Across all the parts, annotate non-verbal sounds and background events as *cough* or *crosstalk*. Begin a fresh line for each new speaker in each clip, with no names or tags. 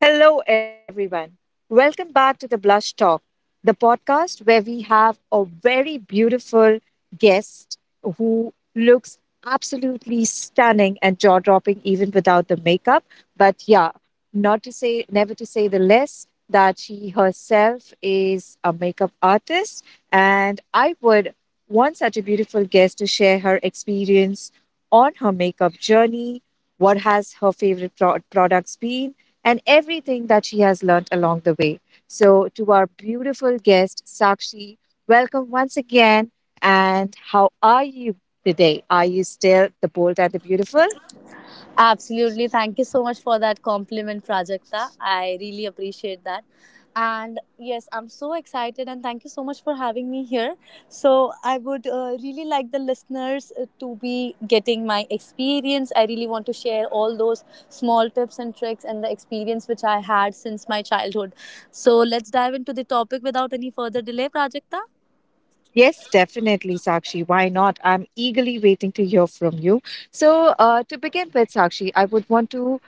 Hello, everyone. Welcome back to the Blush Talk, the podcast where we have a very beautiful guest who looks absolutely stunning and jaw dropping, even without the makeup. But yeah, not to say, never to say the less that she herself is a makeup artist. And I would One such a beautiful guest to share her experience on her makeup journey, what has her favorite products been, and everything that she has learned along the way. So, to our beautiful guest, Sakshi, welcome once again. And how are you today? Are you still the bold and the beautiful?
Absolutely. Thank you so much for that compliment, Prajakta. I really appreciate that. And yes, I'm so excited and thank you so much for having me here. So, I would really like the listeners to be getting my experience. I really want to share all those small tips and tricks and the experience which I had since my childhood. So, let's dive into the topic without any further delay, Prajakta.
Yes, definitely, Sakshi. Why not? I'm eagerly waiting to hear from you. So, to begin with, Sakshi, I would want to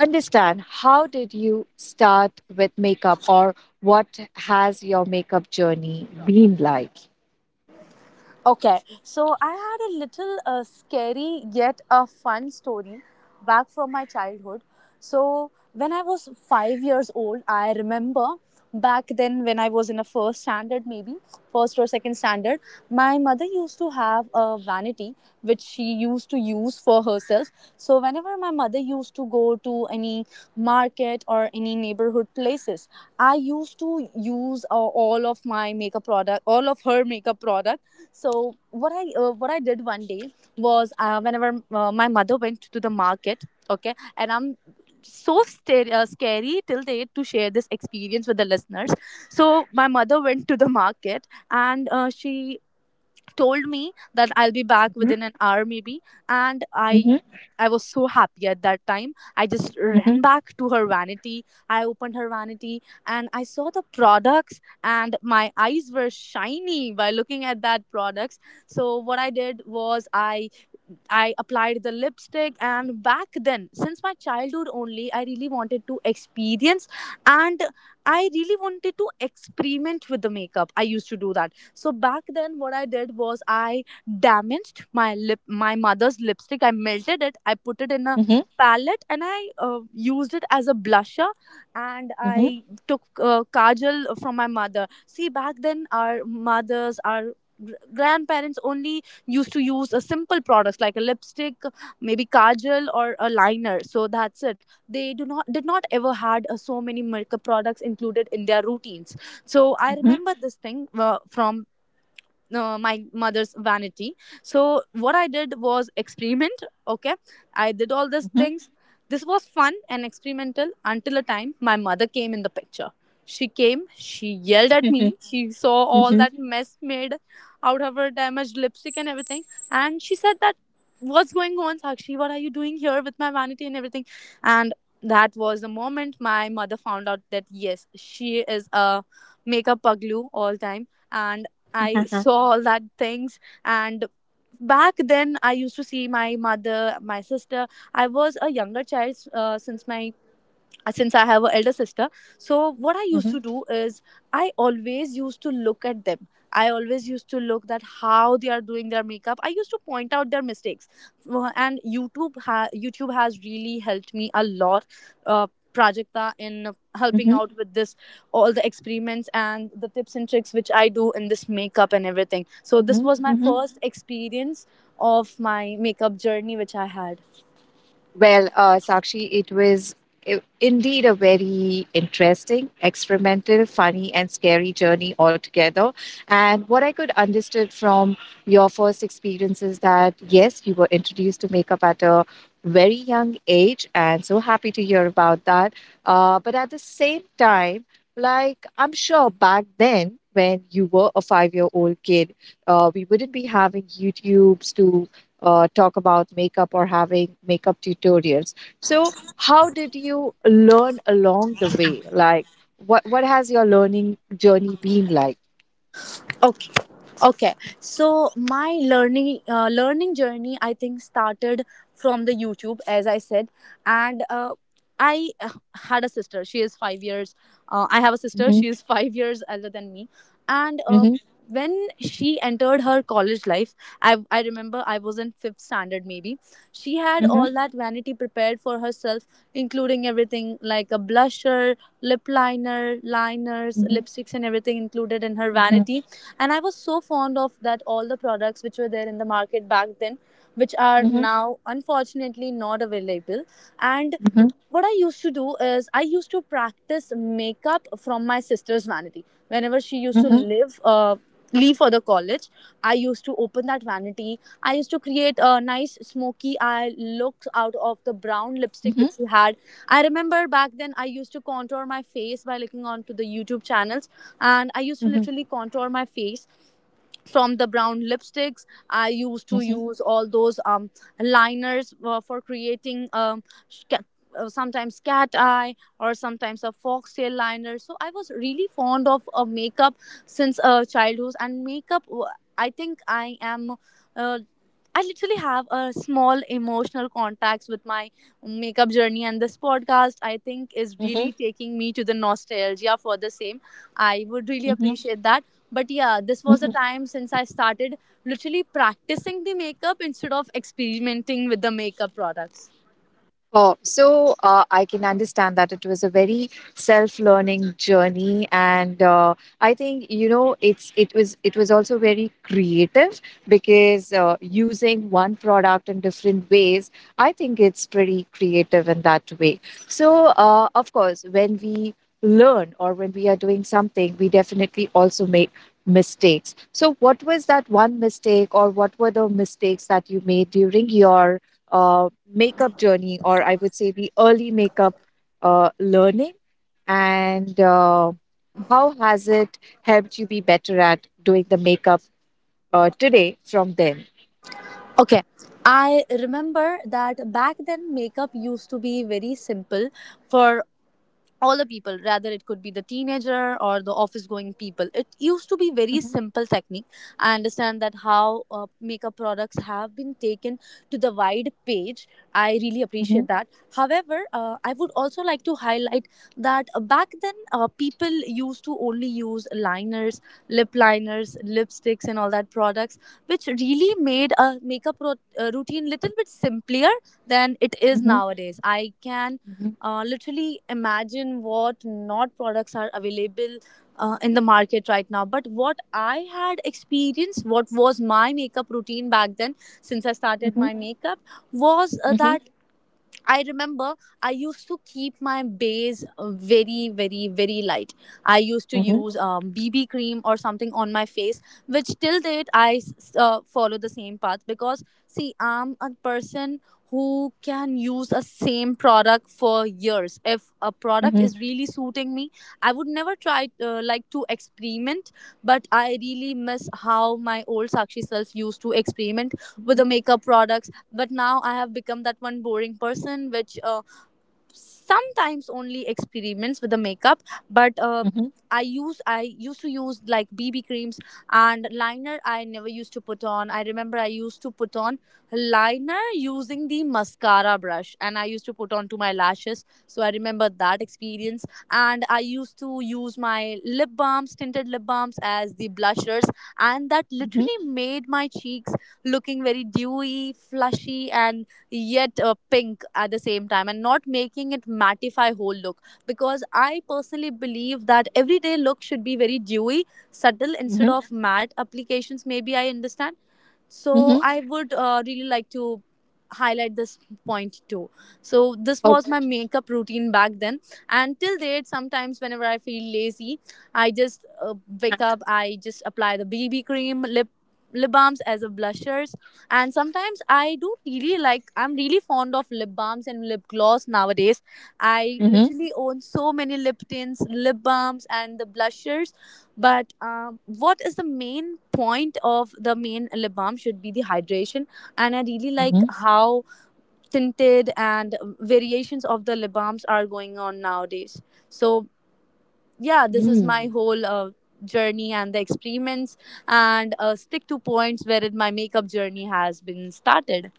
understand how did you start with makeup or what has your makeup journey been like?
Okay, so I had a little scary yet a fun story back from my childhood. So when I was 5 years old, I remember back then when I was in a first standard, maybe first or second standard, my mother used to have a vanity which she used to use for herself. So whenever my mother used to go to any market or any neighborhood places, I used to use all of my makeup product, all of her makeup product. So what I did one day was, whenever my mother went to the market, okay, and I'm so scary till date to share this experience with the listeners. So my mother went to the market and she told me that I'll be back
Mhm.
within an hour maybe, and I
Mhm.
I was so happy at that time. I just
Mhm.
ran back to her vanity. I opened her vanity and I saw the products and my eyes were shiny by looking at that products. So what I did was I applied the lipstick, and back then since my childhood only I really wanted to experience and I really wanted to experiment with the makeup. I used to do that. So back then, what I did was I damaged my lip, my mother's lipstick. I melted it. I put it in a
Mhm.
palette, and I used it as a blusher. And
Mhm.
I took kajal from my mother. See, back then, our mothers, our grandparents only used to use a simple products like a lipstick, maybe kajal or a liner. So that's it, they do not did not ever had so many makeup products included in their routines. So I
Mhm. Mhm. *laughs*
remember this thing from my mother's vanity. So what I did was experiment. Okay, I did all these
Mhm.
things. This was fun and experimental until a time my mother came in the picture. She came, she yelled at
Mhm.
me. She saw all
Mhm.
that mess made out of her damaged lipstick and everything. And she said that, what's going on, Sakshi? What are you doing here with my vanity and everything? And that was the moment my mother found out that yes, she is a makeup puglu all time. And I saw all that things, and back then I used to see my mother, my sister. I was a younger child since I have an elder sister. So what I
Mhm.
used to do is I always used to look at them. I always used to look that how they are doing their makeup. I used to point out their mistakes. And YouTube has really helped me a lot, Uh, Prajakta, in helping
Mhm.
out with this, all the experiments and the tips and tricks which I do in this makeup and everything. So this
Mhm.
was my
Mhm.
first experience of my makeup journey which I had.
Well, Sakshi, it was indeed a very interesting, experimental, funny, and scary journey altogether. And what I could understood from your first experience is that yes, you were introduced to makeup at a very young age, and so happy to hear about that. But at the same time, like I'm sure back then when you were a five-year-old kid, we wouldn't be having YouTube's to talk about makeup or having makeup tutorials. So, how did you learn along the way? Like, what has your learning journey been like?
Okay. Okay, so my learning journey, I think, started from the YouTube, as I said, and I had a sister. She is 5 years. I have a sister.
Mhm.
She is *laughs* 5 years older than me, and
Mhm.
when she entered her college life, I remember I was in fifth standard maybe. She had
Mhm.
all that vanity prepared for herself, including everything like a blusher, lip liner, liners,
Mhm.
lipsticks, and everything included in her
Mhm.
vanity. And I was so fond of that, all the products which were there in the market back then, which are
Mhm.
now unfortunately not available. And
Mhm.
what I used to do is I used to practice makeup from my sister's vanity. Whenever she used to
Mhm.
leave for the college, I used to open that vanity. I used to create a nice smoky eye look out of the brown
Mhm. Mhm.
lipstick which she had. I remember back then I used to contour my face by looking onto the YouTube channels, and I used to
Mhm.
literally contour my face from the brown lipsticks. I used to
Mhm.
use all those liners for creating sh- ca- sometimes cat eye or sometimes a foxtail liner. So I was really fond of makeup since childhood and makeup w- I think I am uh, I literally have a small emotional contacts with my makeup journey, and this podcast I think is
Mhm.
really taking me to the nostalgia for the same. I would really
Mhm.
appreciate that. But yeah, this was a
Mhm.
time since I started literally practicing the makeup instead of experimenting with the makeup products.
Oh, so I can understand that it was a very self-learning journey, and I think you know it was it was also very creative because using one product in different ways, I think it's pretty creative in that way. So, of course, when we learn or when we are doing something, we definitely also make mistakes. So, what was that one mistake, or what were the mistakes that you made during your uh, makeup journey, or I would say the early makeup learning, and how has it helped you be better at doing the makeup today from then?
Okay, I remember that back then makeup used to be very simple for all the people, rather it could be the teenager or the office going people. It used to be very
Mhm.
simple technique. I understand that how makeup products have been taken to the wide page. I really
Mhm.
appreciate that. However, I would also like to highlight that, back then, people used to only use liners, lip liners, lipsticks, and all that products which really made a makeup routine little bit simpler than it is
Mhm.
nowadays. I can, literally imagine what not products are available in the market right now, but what I had experienced, what was my makeup routine back then since I started
Mhm.
my makeup was
Mhm.
that I remember I used to keep my base very, very, very light. I used to
Mhm.
use BB cream or something on my face, which till date I follow the same path because, see, I'm a person who can use a same product for years. If a product
Mhm.
is really suiting me, I would never try like to experiment, but I really miss how my old Sakshi self used to experiment with
Mhm.
the makeup products. But now I have become that one boring person which sometimes only experiments with the makeup. But
Mhm.
I used to use like BB creams, and liner I never used to put on. I remember I used to put on liner using the mascara brush and I used to put on to my lashes. So I remember that experience. And I used to use my lip balms, tinted lip balms as the blushers, and that
Mhm.
literally made my cheeks looking very dewy, flushy, and yet pink at the same time, and not making it mattify whole look, because I personally believe that everyday look should be very dewy, subtle instead
Mhm.
of matte applications maybe, I understand.
Mhm.
So
Mhm.
I would really like to highlight this point too. So this was my makeup routine back then, and till date, sometimes whenever I feel lazy, I just wake up. I just apply the BB cream, lip balms as a blushers. And sometimes I do really like, I'm really fond of lip balms and lip gloss nowadays. I
Mhm.
literally own so many lip tints, lip balms, and the blushers. But what is the main point of the main lip balm should be the hydration, and I really like
Mhm.
how tinted and variations of the lip balms are going on nowadays. So yeah, this is my
Mm.
whole journey and the experiments and stick to points wherein my makeup journey has been started.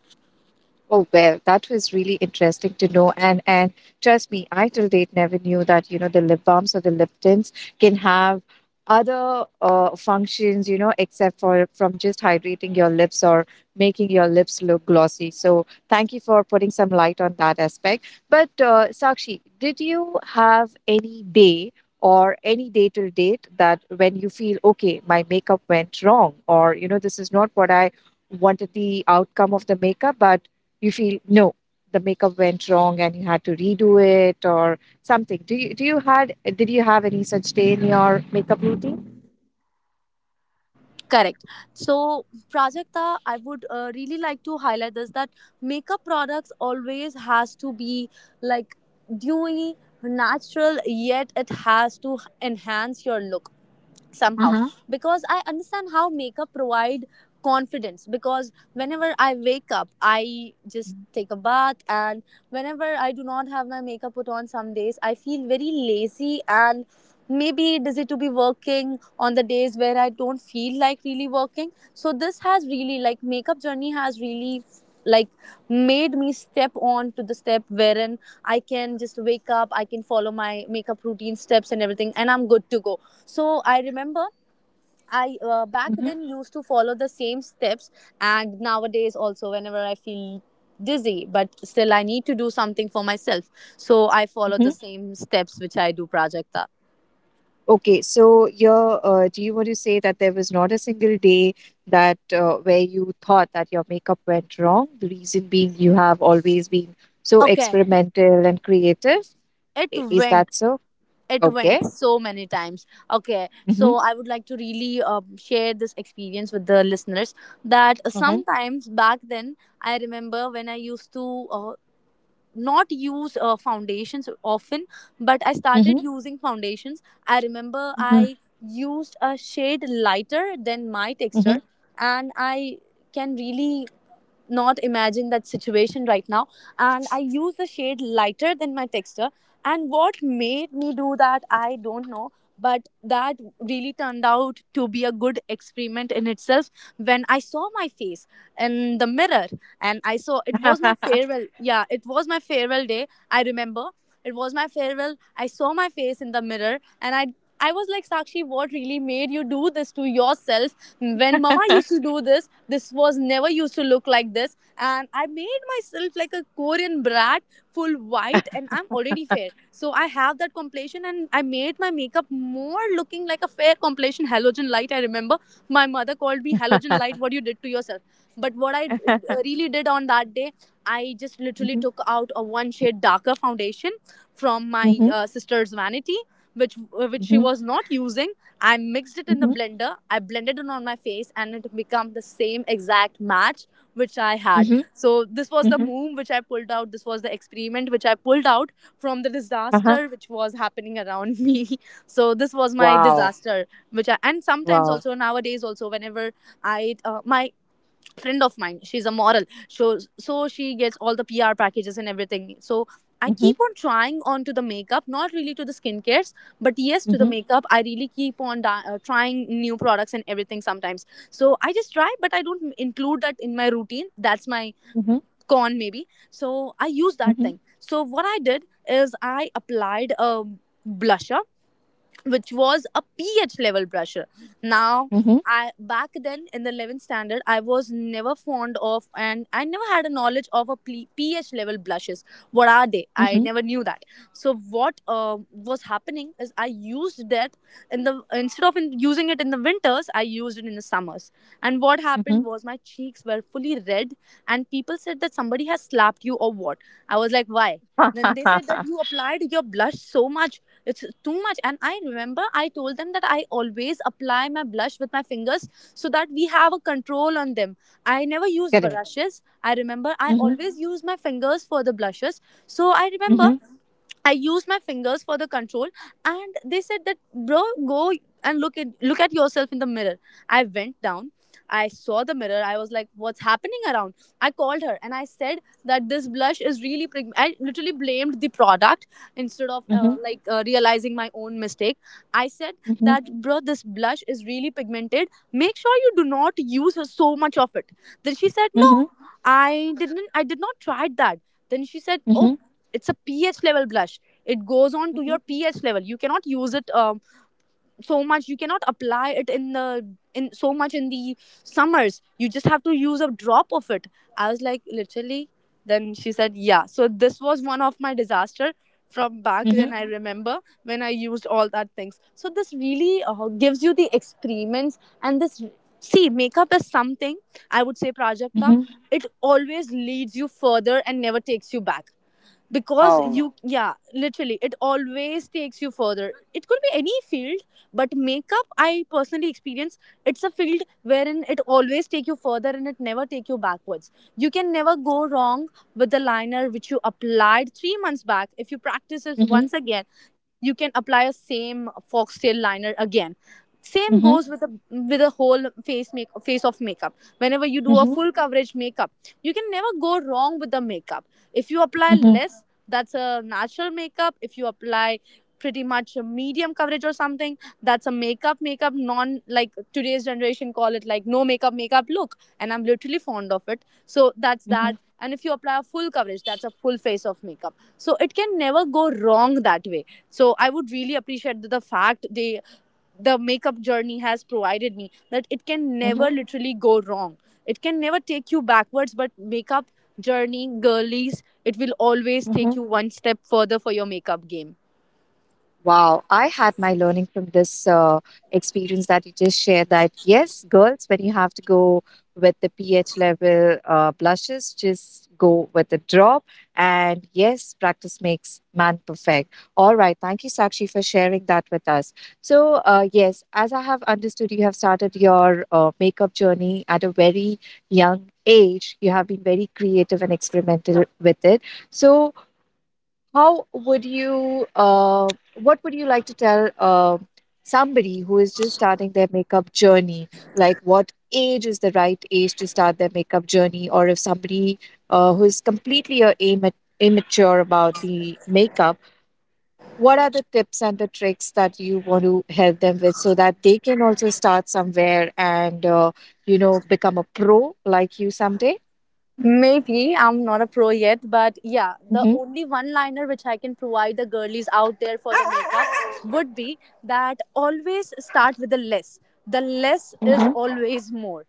Oh well, that was really interesting to know, and trust me, I till date never knew that you know the lip balms or the lip tints can have other functions, you know, except for from just hydrating your lips or making your lips look glossy. So thank you for putting some light on that aspect. But Sakshi, did you have any day or any day till date that when you feel okay, my makeup went wrong, or you know, this is not what I wanted the outcome of the makeup, but you feel no the makeup went wrong and you had to redo it or something? Do you do you had did you have any such day in your makeup routine?
Correct. So, Prajakta, I would really like to highlight this that makeup products always has to be like dewy, natural, yet it has to enhance your look somehow.
Uh-huh.
Because I understand how makeup provide confidence. Because whenever I wake up, I just take a bath, and whenever I do not have my makeup put on, some days I feel very lazy and maybe busy to be working on the days where I don't feel like really working. So this has really, like, makeup journey has really, like, made me step on to the step wherein I can just wake up, I can follow my makeup routine steps and everything, and I'm good to go. So I remember I back
Mm-hmm.
then used to follow the same steps, and nowadays also whenever I feel dizzy but still I need to do something for myself, so I follow
Mm-hmm.
the
Hmm.
same steps which I do, Prajakta.
Okay, so your do you want to say that there was not a single day that where you thought that your makeup went wrong? The reason being you have always been so
Okay,
experimental and creative.
it
Is
went
that so?
it
Okay.
went so many times. Okay, so
Mm-hmm.
I would like to really share this experience with the listeners that
Mm-hmm.
sometimes back then I remember when I used to not use foundations often, but I started
Mm-hmm.
using foundations. I remember
Mm-hmm.
I used a shade lighter than my texture,
Mm-hmm.
and I can really not imagine that situation right now, and I use the shade lighter than my texture, and what made me do that I don't know. But that really turned out to be a good experiment in itself. When I saw my face in the mirror, and I saw, it was my farewell, yeah, it was my farewell day, I remember. It was my farewell, I saw my face in the mirror, and I was like, Sakshi, what really made you do this to yourself? When Mama used to do this, this was never used to look like this. And I made myself like a Korean brat, full white, and I'm already fair, so I have that complexion, and I made my makeup more looking like a fair complexion, halogen light. I remember my mother called me halogen light. What you did to yourself? But what I really did on that day, I just literally
Mm-hmm.
took out a one shade darker foundation from my
Mm-hmm.
sister's vanity, which which she
Mm-hmm.
was not using. I mixed it in the blender. I blended it on my face, and it became the same exact match which I had.
Mm-hmm.
So this was the move which I pulled out. This was the experiment which I pulled out from the
Mm-hmm.
disaster which was happening around *laughs* me. So this was my
Wow.
disaster, which I, and sometimes
Wow.
also nowadays also, whenever I my friend of mine, she's a model, so she gets all the PR packages and everything, so I
Mhm.
keep on trying on to the makeup, not really to the skincares, but yes, to the
Mhm.
makeup I really keep on trying new products and everything sometimes. So I just try, but I don't include that in my routine. That's my
Mhm.
con maybe, so I use
Mhm.
that thing. So what I did is I applied a blusher which was a pH level pressure. Now,
Mhm.
I back then in the 11th standard, I was never fond of and I never had a knowledge of a pH level blushes. What are they? I
Mhm.
never knew that. So what was happening is I used that in the, instead of in, using it in the winters, I used it in the summers. And what
Mhm.
happened was my cheeks were fully red, and people said that somebody has slapped you or what. I was like, why? Then they said that you
*laughs*
applied your blush so much, it's too much. And I remember I told them that I always apply my blush with my fingers so that we have a control on them. I never use
Correct.
brushes. I remember I
Mhm.
always use my fingers for the blushes. So I remember
Mhm.
I used my fingers for the control, and they said that, bro, go and look at yourself in the mirror. I went down. I saw the mirror. I was like, what's happening around? I called her and I said that this blush is really. I literally blamed the product instead of
Mhm.
realizing my own mistake. I said that,
Mhm.
bro, this blush is really pigmented, make sure you do not use so much of it. Then she said, no,
Mhm.
I did not try that. Then she said, oh,
Mhm.
it's a pH level blush, it goes on to your
Mhm.
pH level, you cannot use it so much, you cannot apply it in the, in so much in the summers, you just have to use a drop of it. I was like, literally. Then she said, yeah, so this was one of my disaster from back
Mhm.
then. I remember when I used all that things, so this really gives you the experiments, and this, see, makeup is something, I would say, Prajakta,
Mhm. *laughs*
it always leads you further and never takes you back, because
Oh,
you, yeah, literally it always takes you further. It could be any field, but makeup, I personally experience, it's a field wherein it always take you further, and it never take you backwards. You can never go wrong with the liner which you applied 3 months back. If you practice it
Mhm.
once again, you can apply a same foxtail liner again. Same goes
Mhm.
with a whole face make face of makeup. Whenever you do a
Mhm.
full coverage makeup, you can never go wrong with the makeup if you apply
Mhm.
less. That's a natural makeup. If you apply pretty much a medium coverage or something, that's a makeup makeup, non, like today's generation call it like no makeup makeup look, and I'm literally fond of it. So that's that.
Mhm.
And if you apply a full coverage, that's a full face of makeup. So it can never go wrong that way. So I would really appreciate the fact they the makeup journey has provided me that it can never
Mhm.
literally go wrong. It can never take you backwards, but makeup journey, girlies, it will always
Mhm.
take you one step further for your makeup game.
Wow, I had my learning from this experience that you just shared that yes, girls, when you have to go with the pH level blushes, just go with a drop. And yes, practice makes man perfect. All right. Thank you, Sakshi, for sharing that with us. So, yes, as I have understood, you have started your makeup journey at a very young age. You have been very creative and experimental with it. So, how would you what would you like to tell somebody who is just starting their makeup journey, like what age is the right age to start their makeup journey? Or if somebody who is completely immature about the makeup, what are the tips and the tricks that you want to help them with so that they can also start somewhere and you know become a pro like you someday?
Maybe I'm not a pro yet, but yeah, the
Mm-hmm.
only one liner which I can provide the girlies out there for the makeup *laughs* would be that always start with the less. The less is
Mm-hmm.
always more.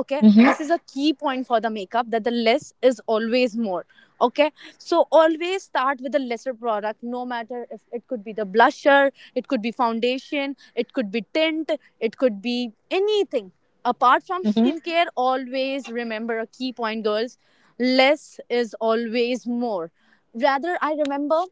Okay,
Mm-hmm.
this is a key point for the makeup, that the less is always more. Okay, so always start with the lesser product, no matter if it could be the blusher, it could be foundation, it could be tint, it could be anything apart from
Mm-hmm.
skincare. Always remember a key point, girls: less is always more. Rather, I remember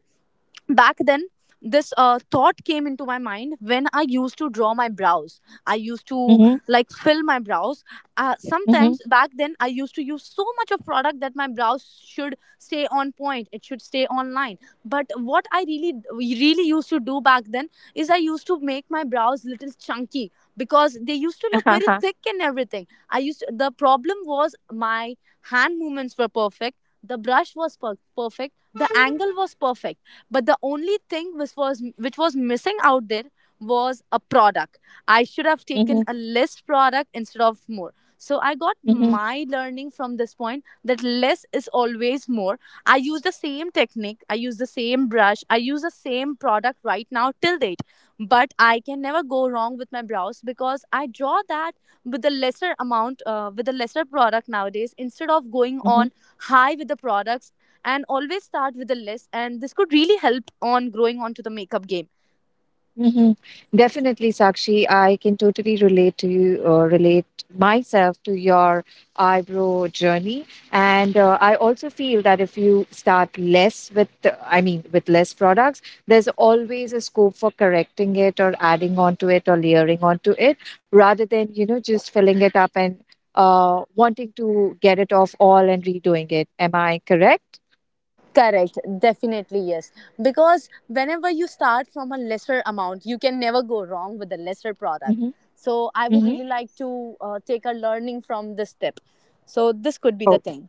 back then this thought came into my mind when I used to draw my brows. I used to like fill my brows
Mm-hmm.
sometimes back then. I used to use so much of product that my brows should stay on point, it should stay online. But what I really really used to do back then is I used to make my brows little chunky because they used to look very thick and everything. I used to, the problem was my hand movements were perfect, the brush was perfect, the angle was perfect, but the only thing which was missing out there was a product. I should have taken a less product instead of more. So I got
Mm-hmm. *laughs*
my learning from this point that less is always more. I use the same technique, I use the same brush, I use the same product right now till date, but I can never go wrong with my brows because I draw that with a lesser amount, with a lesser product nowadays, instead of going on
Hmm.
high with the products. And always start with the less, and this could really help on growing onto the makeup game.
Hmm. Definitely, Sakshi. I can totally relate to you, relate myself to your eyebrow journey. And I also feel that if you start less with, I mean, with less products, there's always a scope for correcting it or adding onto it or layering onto it rather than, you know, just filling it up and wanting to get it off all and redoing it. Am I correct?
Correct, definitely yes. Because whenever you start from a lesser amount, you can never go wrong with the lesser product.
Mm-hmm.
So I would really
Mm-hmm.
like to take a learning from this tip. So this could be the thing.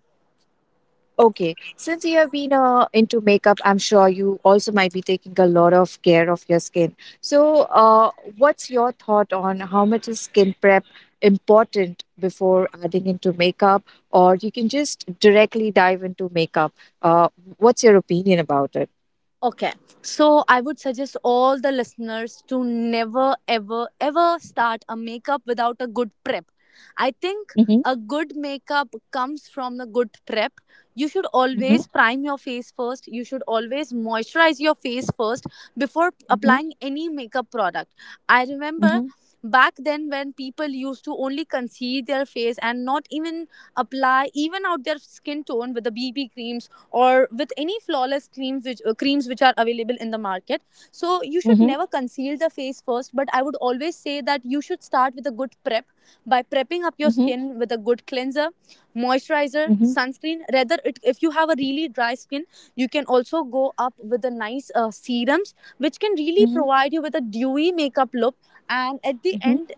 Okay, since you have been into makeup, I'm sure you also might be taking a lot of care of your skin. So, what's your thought on how much is skin prep important before adding into makeup, or you can just directly dive into makeup? Uh, what's your opinion about it?
Okay, so I would suggest all the listeners to never, ever, ever start a makeup without a good prep. I think
Mm-hmm.
a good makeup comes from the good prep. You should
Mm-hmm.
always prime your face first. You should always moisturize your face first before
Mm-hmm.
applying any makeup product. I remember back then when people used to only conceal their face and not even apply, even out their skin tone with the BB creams or with any flawless creams, which are available in the market. So you should
Mm-hmm.
never conceal the face first, but I would always say that you should start with a good prep by prepping up your
Mm-hmm.
skin with a good cleanser, moisturizer,
Mm-hmm.
sunscreen. Rather if you have a really dry skin, you can also go up with the nice serums which can really
Mm-hmm.
provide you with a dewy makeup look. And at the end,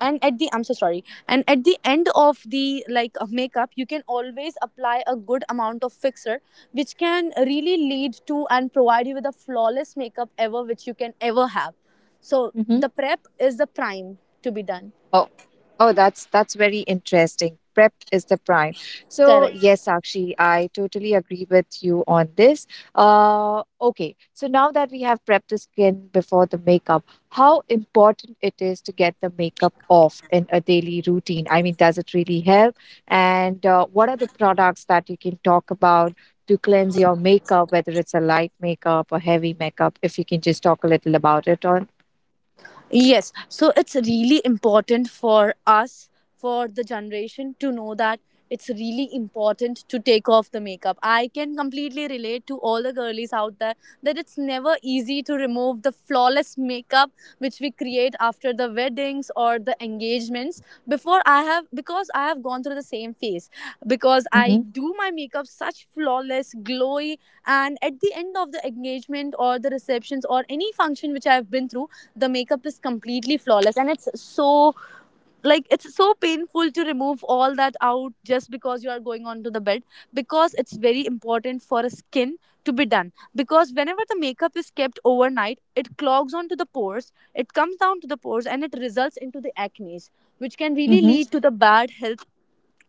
and at the I'm so sorry, and at the end of the like makeup, you can always apply a good amount of fixer which can really lead to and provide you with a flawless makeup ever which you can ever have. So
Mm-hmm.
the prep is the prime to be done.
Oh, oh, that's very interesting. Prep is the prime. So
Correct.
yes, Sakshi, I totally agree with you on this. Okay, so now that we have prepped the skin before the makeup, how important it is to get the makeup off in a daily routine? I mean, does it really help? And what are the products that you can talk about to cleanse your makeup, whether it's a light makeup or heavy makeup? If you can just talk a little about it on
Yes, so it's really important for us, for the generation, to know that it's really important to take off the makeup. I can completely relate to all the girlies out there that it's never easy to remove the flawless makeup which we create after the weddings or the engagements. Before I have, because I have gone through the same phase, because I
Mhm.
do my makeup such flawless, glowy, and at the end of the engagement or the receptions or any function which I've been through, the makeup is completely flawless and it's so like it's so painful to remove all that out just because you are going onto the bed, because it's very important for a skin to be done, because whenever the makeup is kept overnight, it clogs onto the pores, it comes down to the pores and it results into the acne, which can really
Mhm.
lead to the bad health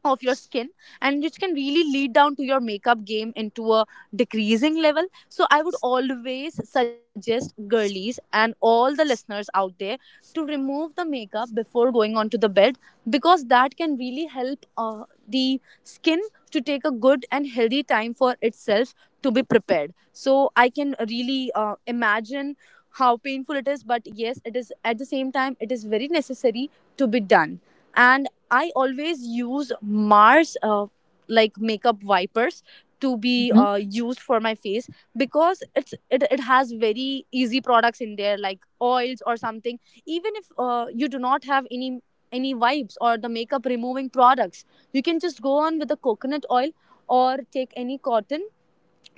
of your skin and which can really lead down to your makeup game into a decreasing level. So I would always suggest girlies and all the listeners out there to remove the makeup before going on to the bed, because that can really help the skin to take a good and healthy time for itself to be prepared. So I can really imagine how painful it is, but yes it is, at the same time it is very necessary to be done. And I always use Mars like makeup wipers to be
Mhm.
used for my face, because it has very easy products in there like oils or something. Even if you do not have any wipes or the makeup removing products, you can just go on with the coconut oil or take any cotton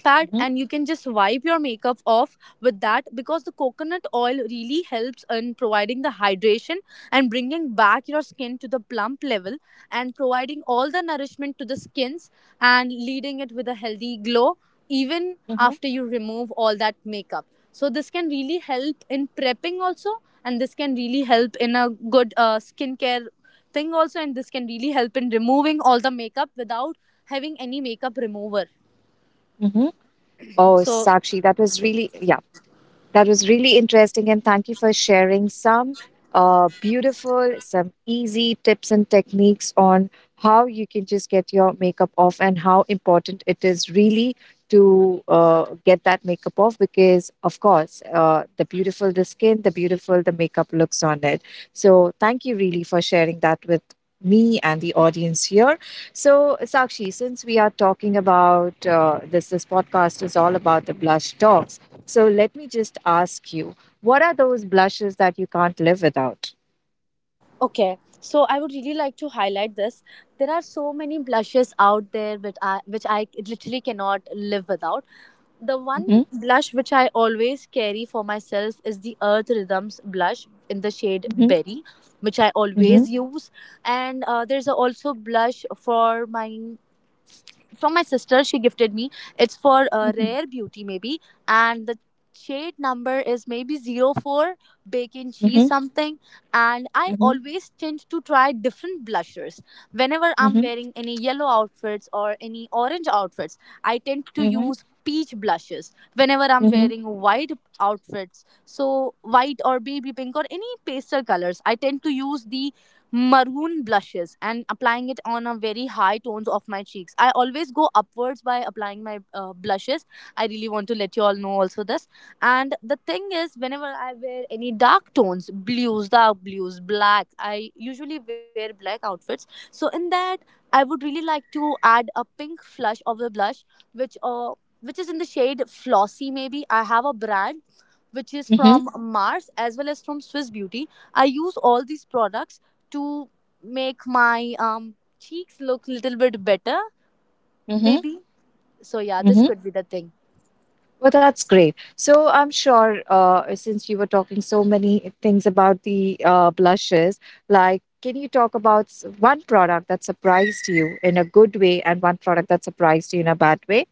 that,
Mhm.
and you can just wipe your makeup off with that, because the coconut oil really helps in providing the hydration and bringing back your skin to the plump level and providing all the nourishment to the skins and leading it with a healthy glow even
Mhm.
after you remove all that makeup. So this can really help in prepping also, and this can really help in a good skincare thing also, and this can really help in removing all the makeup without having any makeup remover.
Mhm. Oh,
So
Sakshi, that was really yeah. That was really interesting, and thank you for sharing some beautiful, some easy tips and techniques on how you can just get your makeup off and how important it is really to get that makeup off because, of course, the beautiful the skin, the beautiful the makeup looks on it. So, thank you really for sharing that with me and the audience here. So, Sakshi, since we are talking about this, this podcast is all about the blush talks. So let me just ask you, what are those blushes that you can't live without?
okay, so I would really like to highlight this. There are so many blushes out there, which I literally cannot live without. The one
Mhm.
blush which I always carry for myself is the Earth Rhythms blush in the shade
Mhm.
Berry, which I
Mhm.
always use. And there's a also blush for my from my sister, she gifted me, it's for
Mhm.
Rare Beauty maybe, and the shade number is maybe 04, bacon cheese
Mhm.
something. And I
Mhm.
always tend to try different blushers whenever I'm
Mhm.
wearing any yellow outfits or any orange outfits. I tend to
Mhm.
use peach blushes whenever I'm
Mhm.
wearing white outfits, so white or baby pink or any pastel colors, I tend to use the maroon blushes and applying it on a very high tones of my cheeks. I always go upwards by applying my blushes. I really want to let you all know also this. And the thing is, whenever I wear any dark tones, blues, dark blues, black, I usually wear black outfits, so in that I would really like to add a pink flush of the blush, which uh which is in the shade Flossy maybe. I have a brand which is
Mhm.
from Mars as well as from Swiss Beauty. I use all these products to make my cheeks look little bit better
Mhm.
maybe. So yeah, this
Mhm.
could be the thing.
Well, that's great. So I'm sure since you were talking so many things about the blushes, like can you talk about one product that surprised you in a good way and one product that surprised you in a bad way?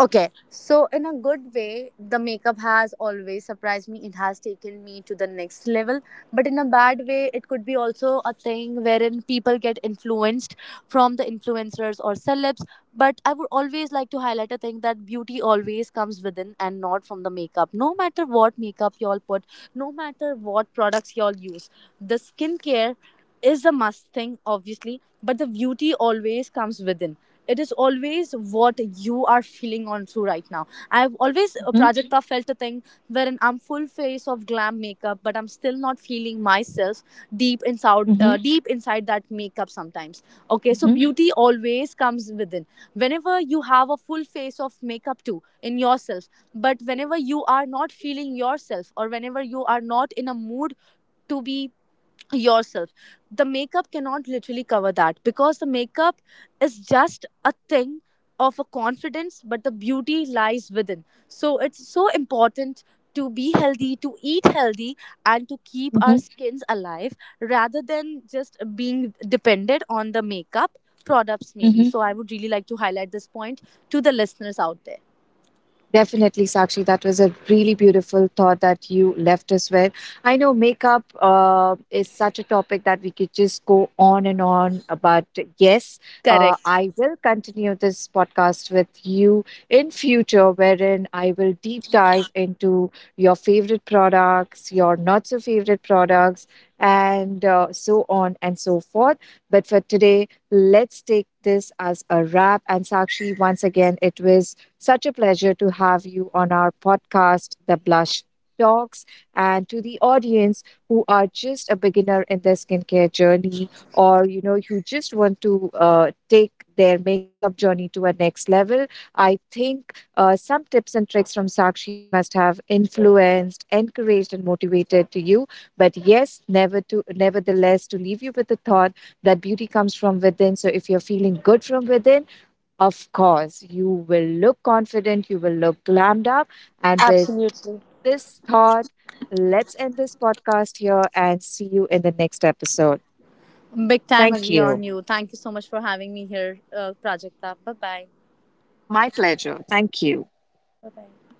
Okay, so in a good way, the makeup has always surprised me. It has taken me to the next level. But in a bad way, it could be also a thing wherein people get influenced from the influencers or celebs. But I would always like to highlight a thing that beauty always comes within and not from the makeup. No matter what makeup y'all put, no matter what products y'all use, the skincare is a must thing, obviously, but the beauty always comes within, it is always what you are feeling on through right now. I've always,
Mhm.
Prajakta, felt a thing wherein I'm full face of glam makeup, but I'm still not feeling myself
Mhm.
deep inside that makeup sometimes. Okay,
Mhm.
so beauty always comes within. Whenever you have a full face of makeup too in yourself, but whenever you are not feeling yourself or whenever you are not in a mood to be yourself, the makeup cannot literally cover that, because the makeup is just a thing of a confidence, but the beauty lies within. So it's so important to be healthy, to eat healthy, and to keep our
Mhm.
skins alive rather than just being dependent on the makeup products maybe.
Mhm.
So I would really like to highlight this point to the listeners out there.
Definitely, Sakshi. That was a really beautiful thought that you left us with. I know makeup is such a topic that we could just go on and on. But yes,
Correct.
I will continue this podcast with you in future, wherein I will deep dive into your favorite products, your not so favorite products, and so on and so forth. But for today, let's take this as a wrap. And Sakshi, once again, it was such a pleasure to have you on our podcast, The Blush Talks, and to the audience who are just a beginner in their skincare journey, or you know, you just want to take their makeup journey to a next level. I think some tips and tricks from Sakshi must have influenced, encouraged, and motivated to you. But yes, never to nevertheless to leave you with the thought that beauty comes from within. So if you're feeling good from within, of course, you will look confident, you will look glammed up. And with this thought, let's end this podcast here and see you in the next episode.
Big time
Thank
agree
you.
on you. Thank you so much for having me here, Prajakta. Bye bye.
My pleasure. Thank you.
Bye bye.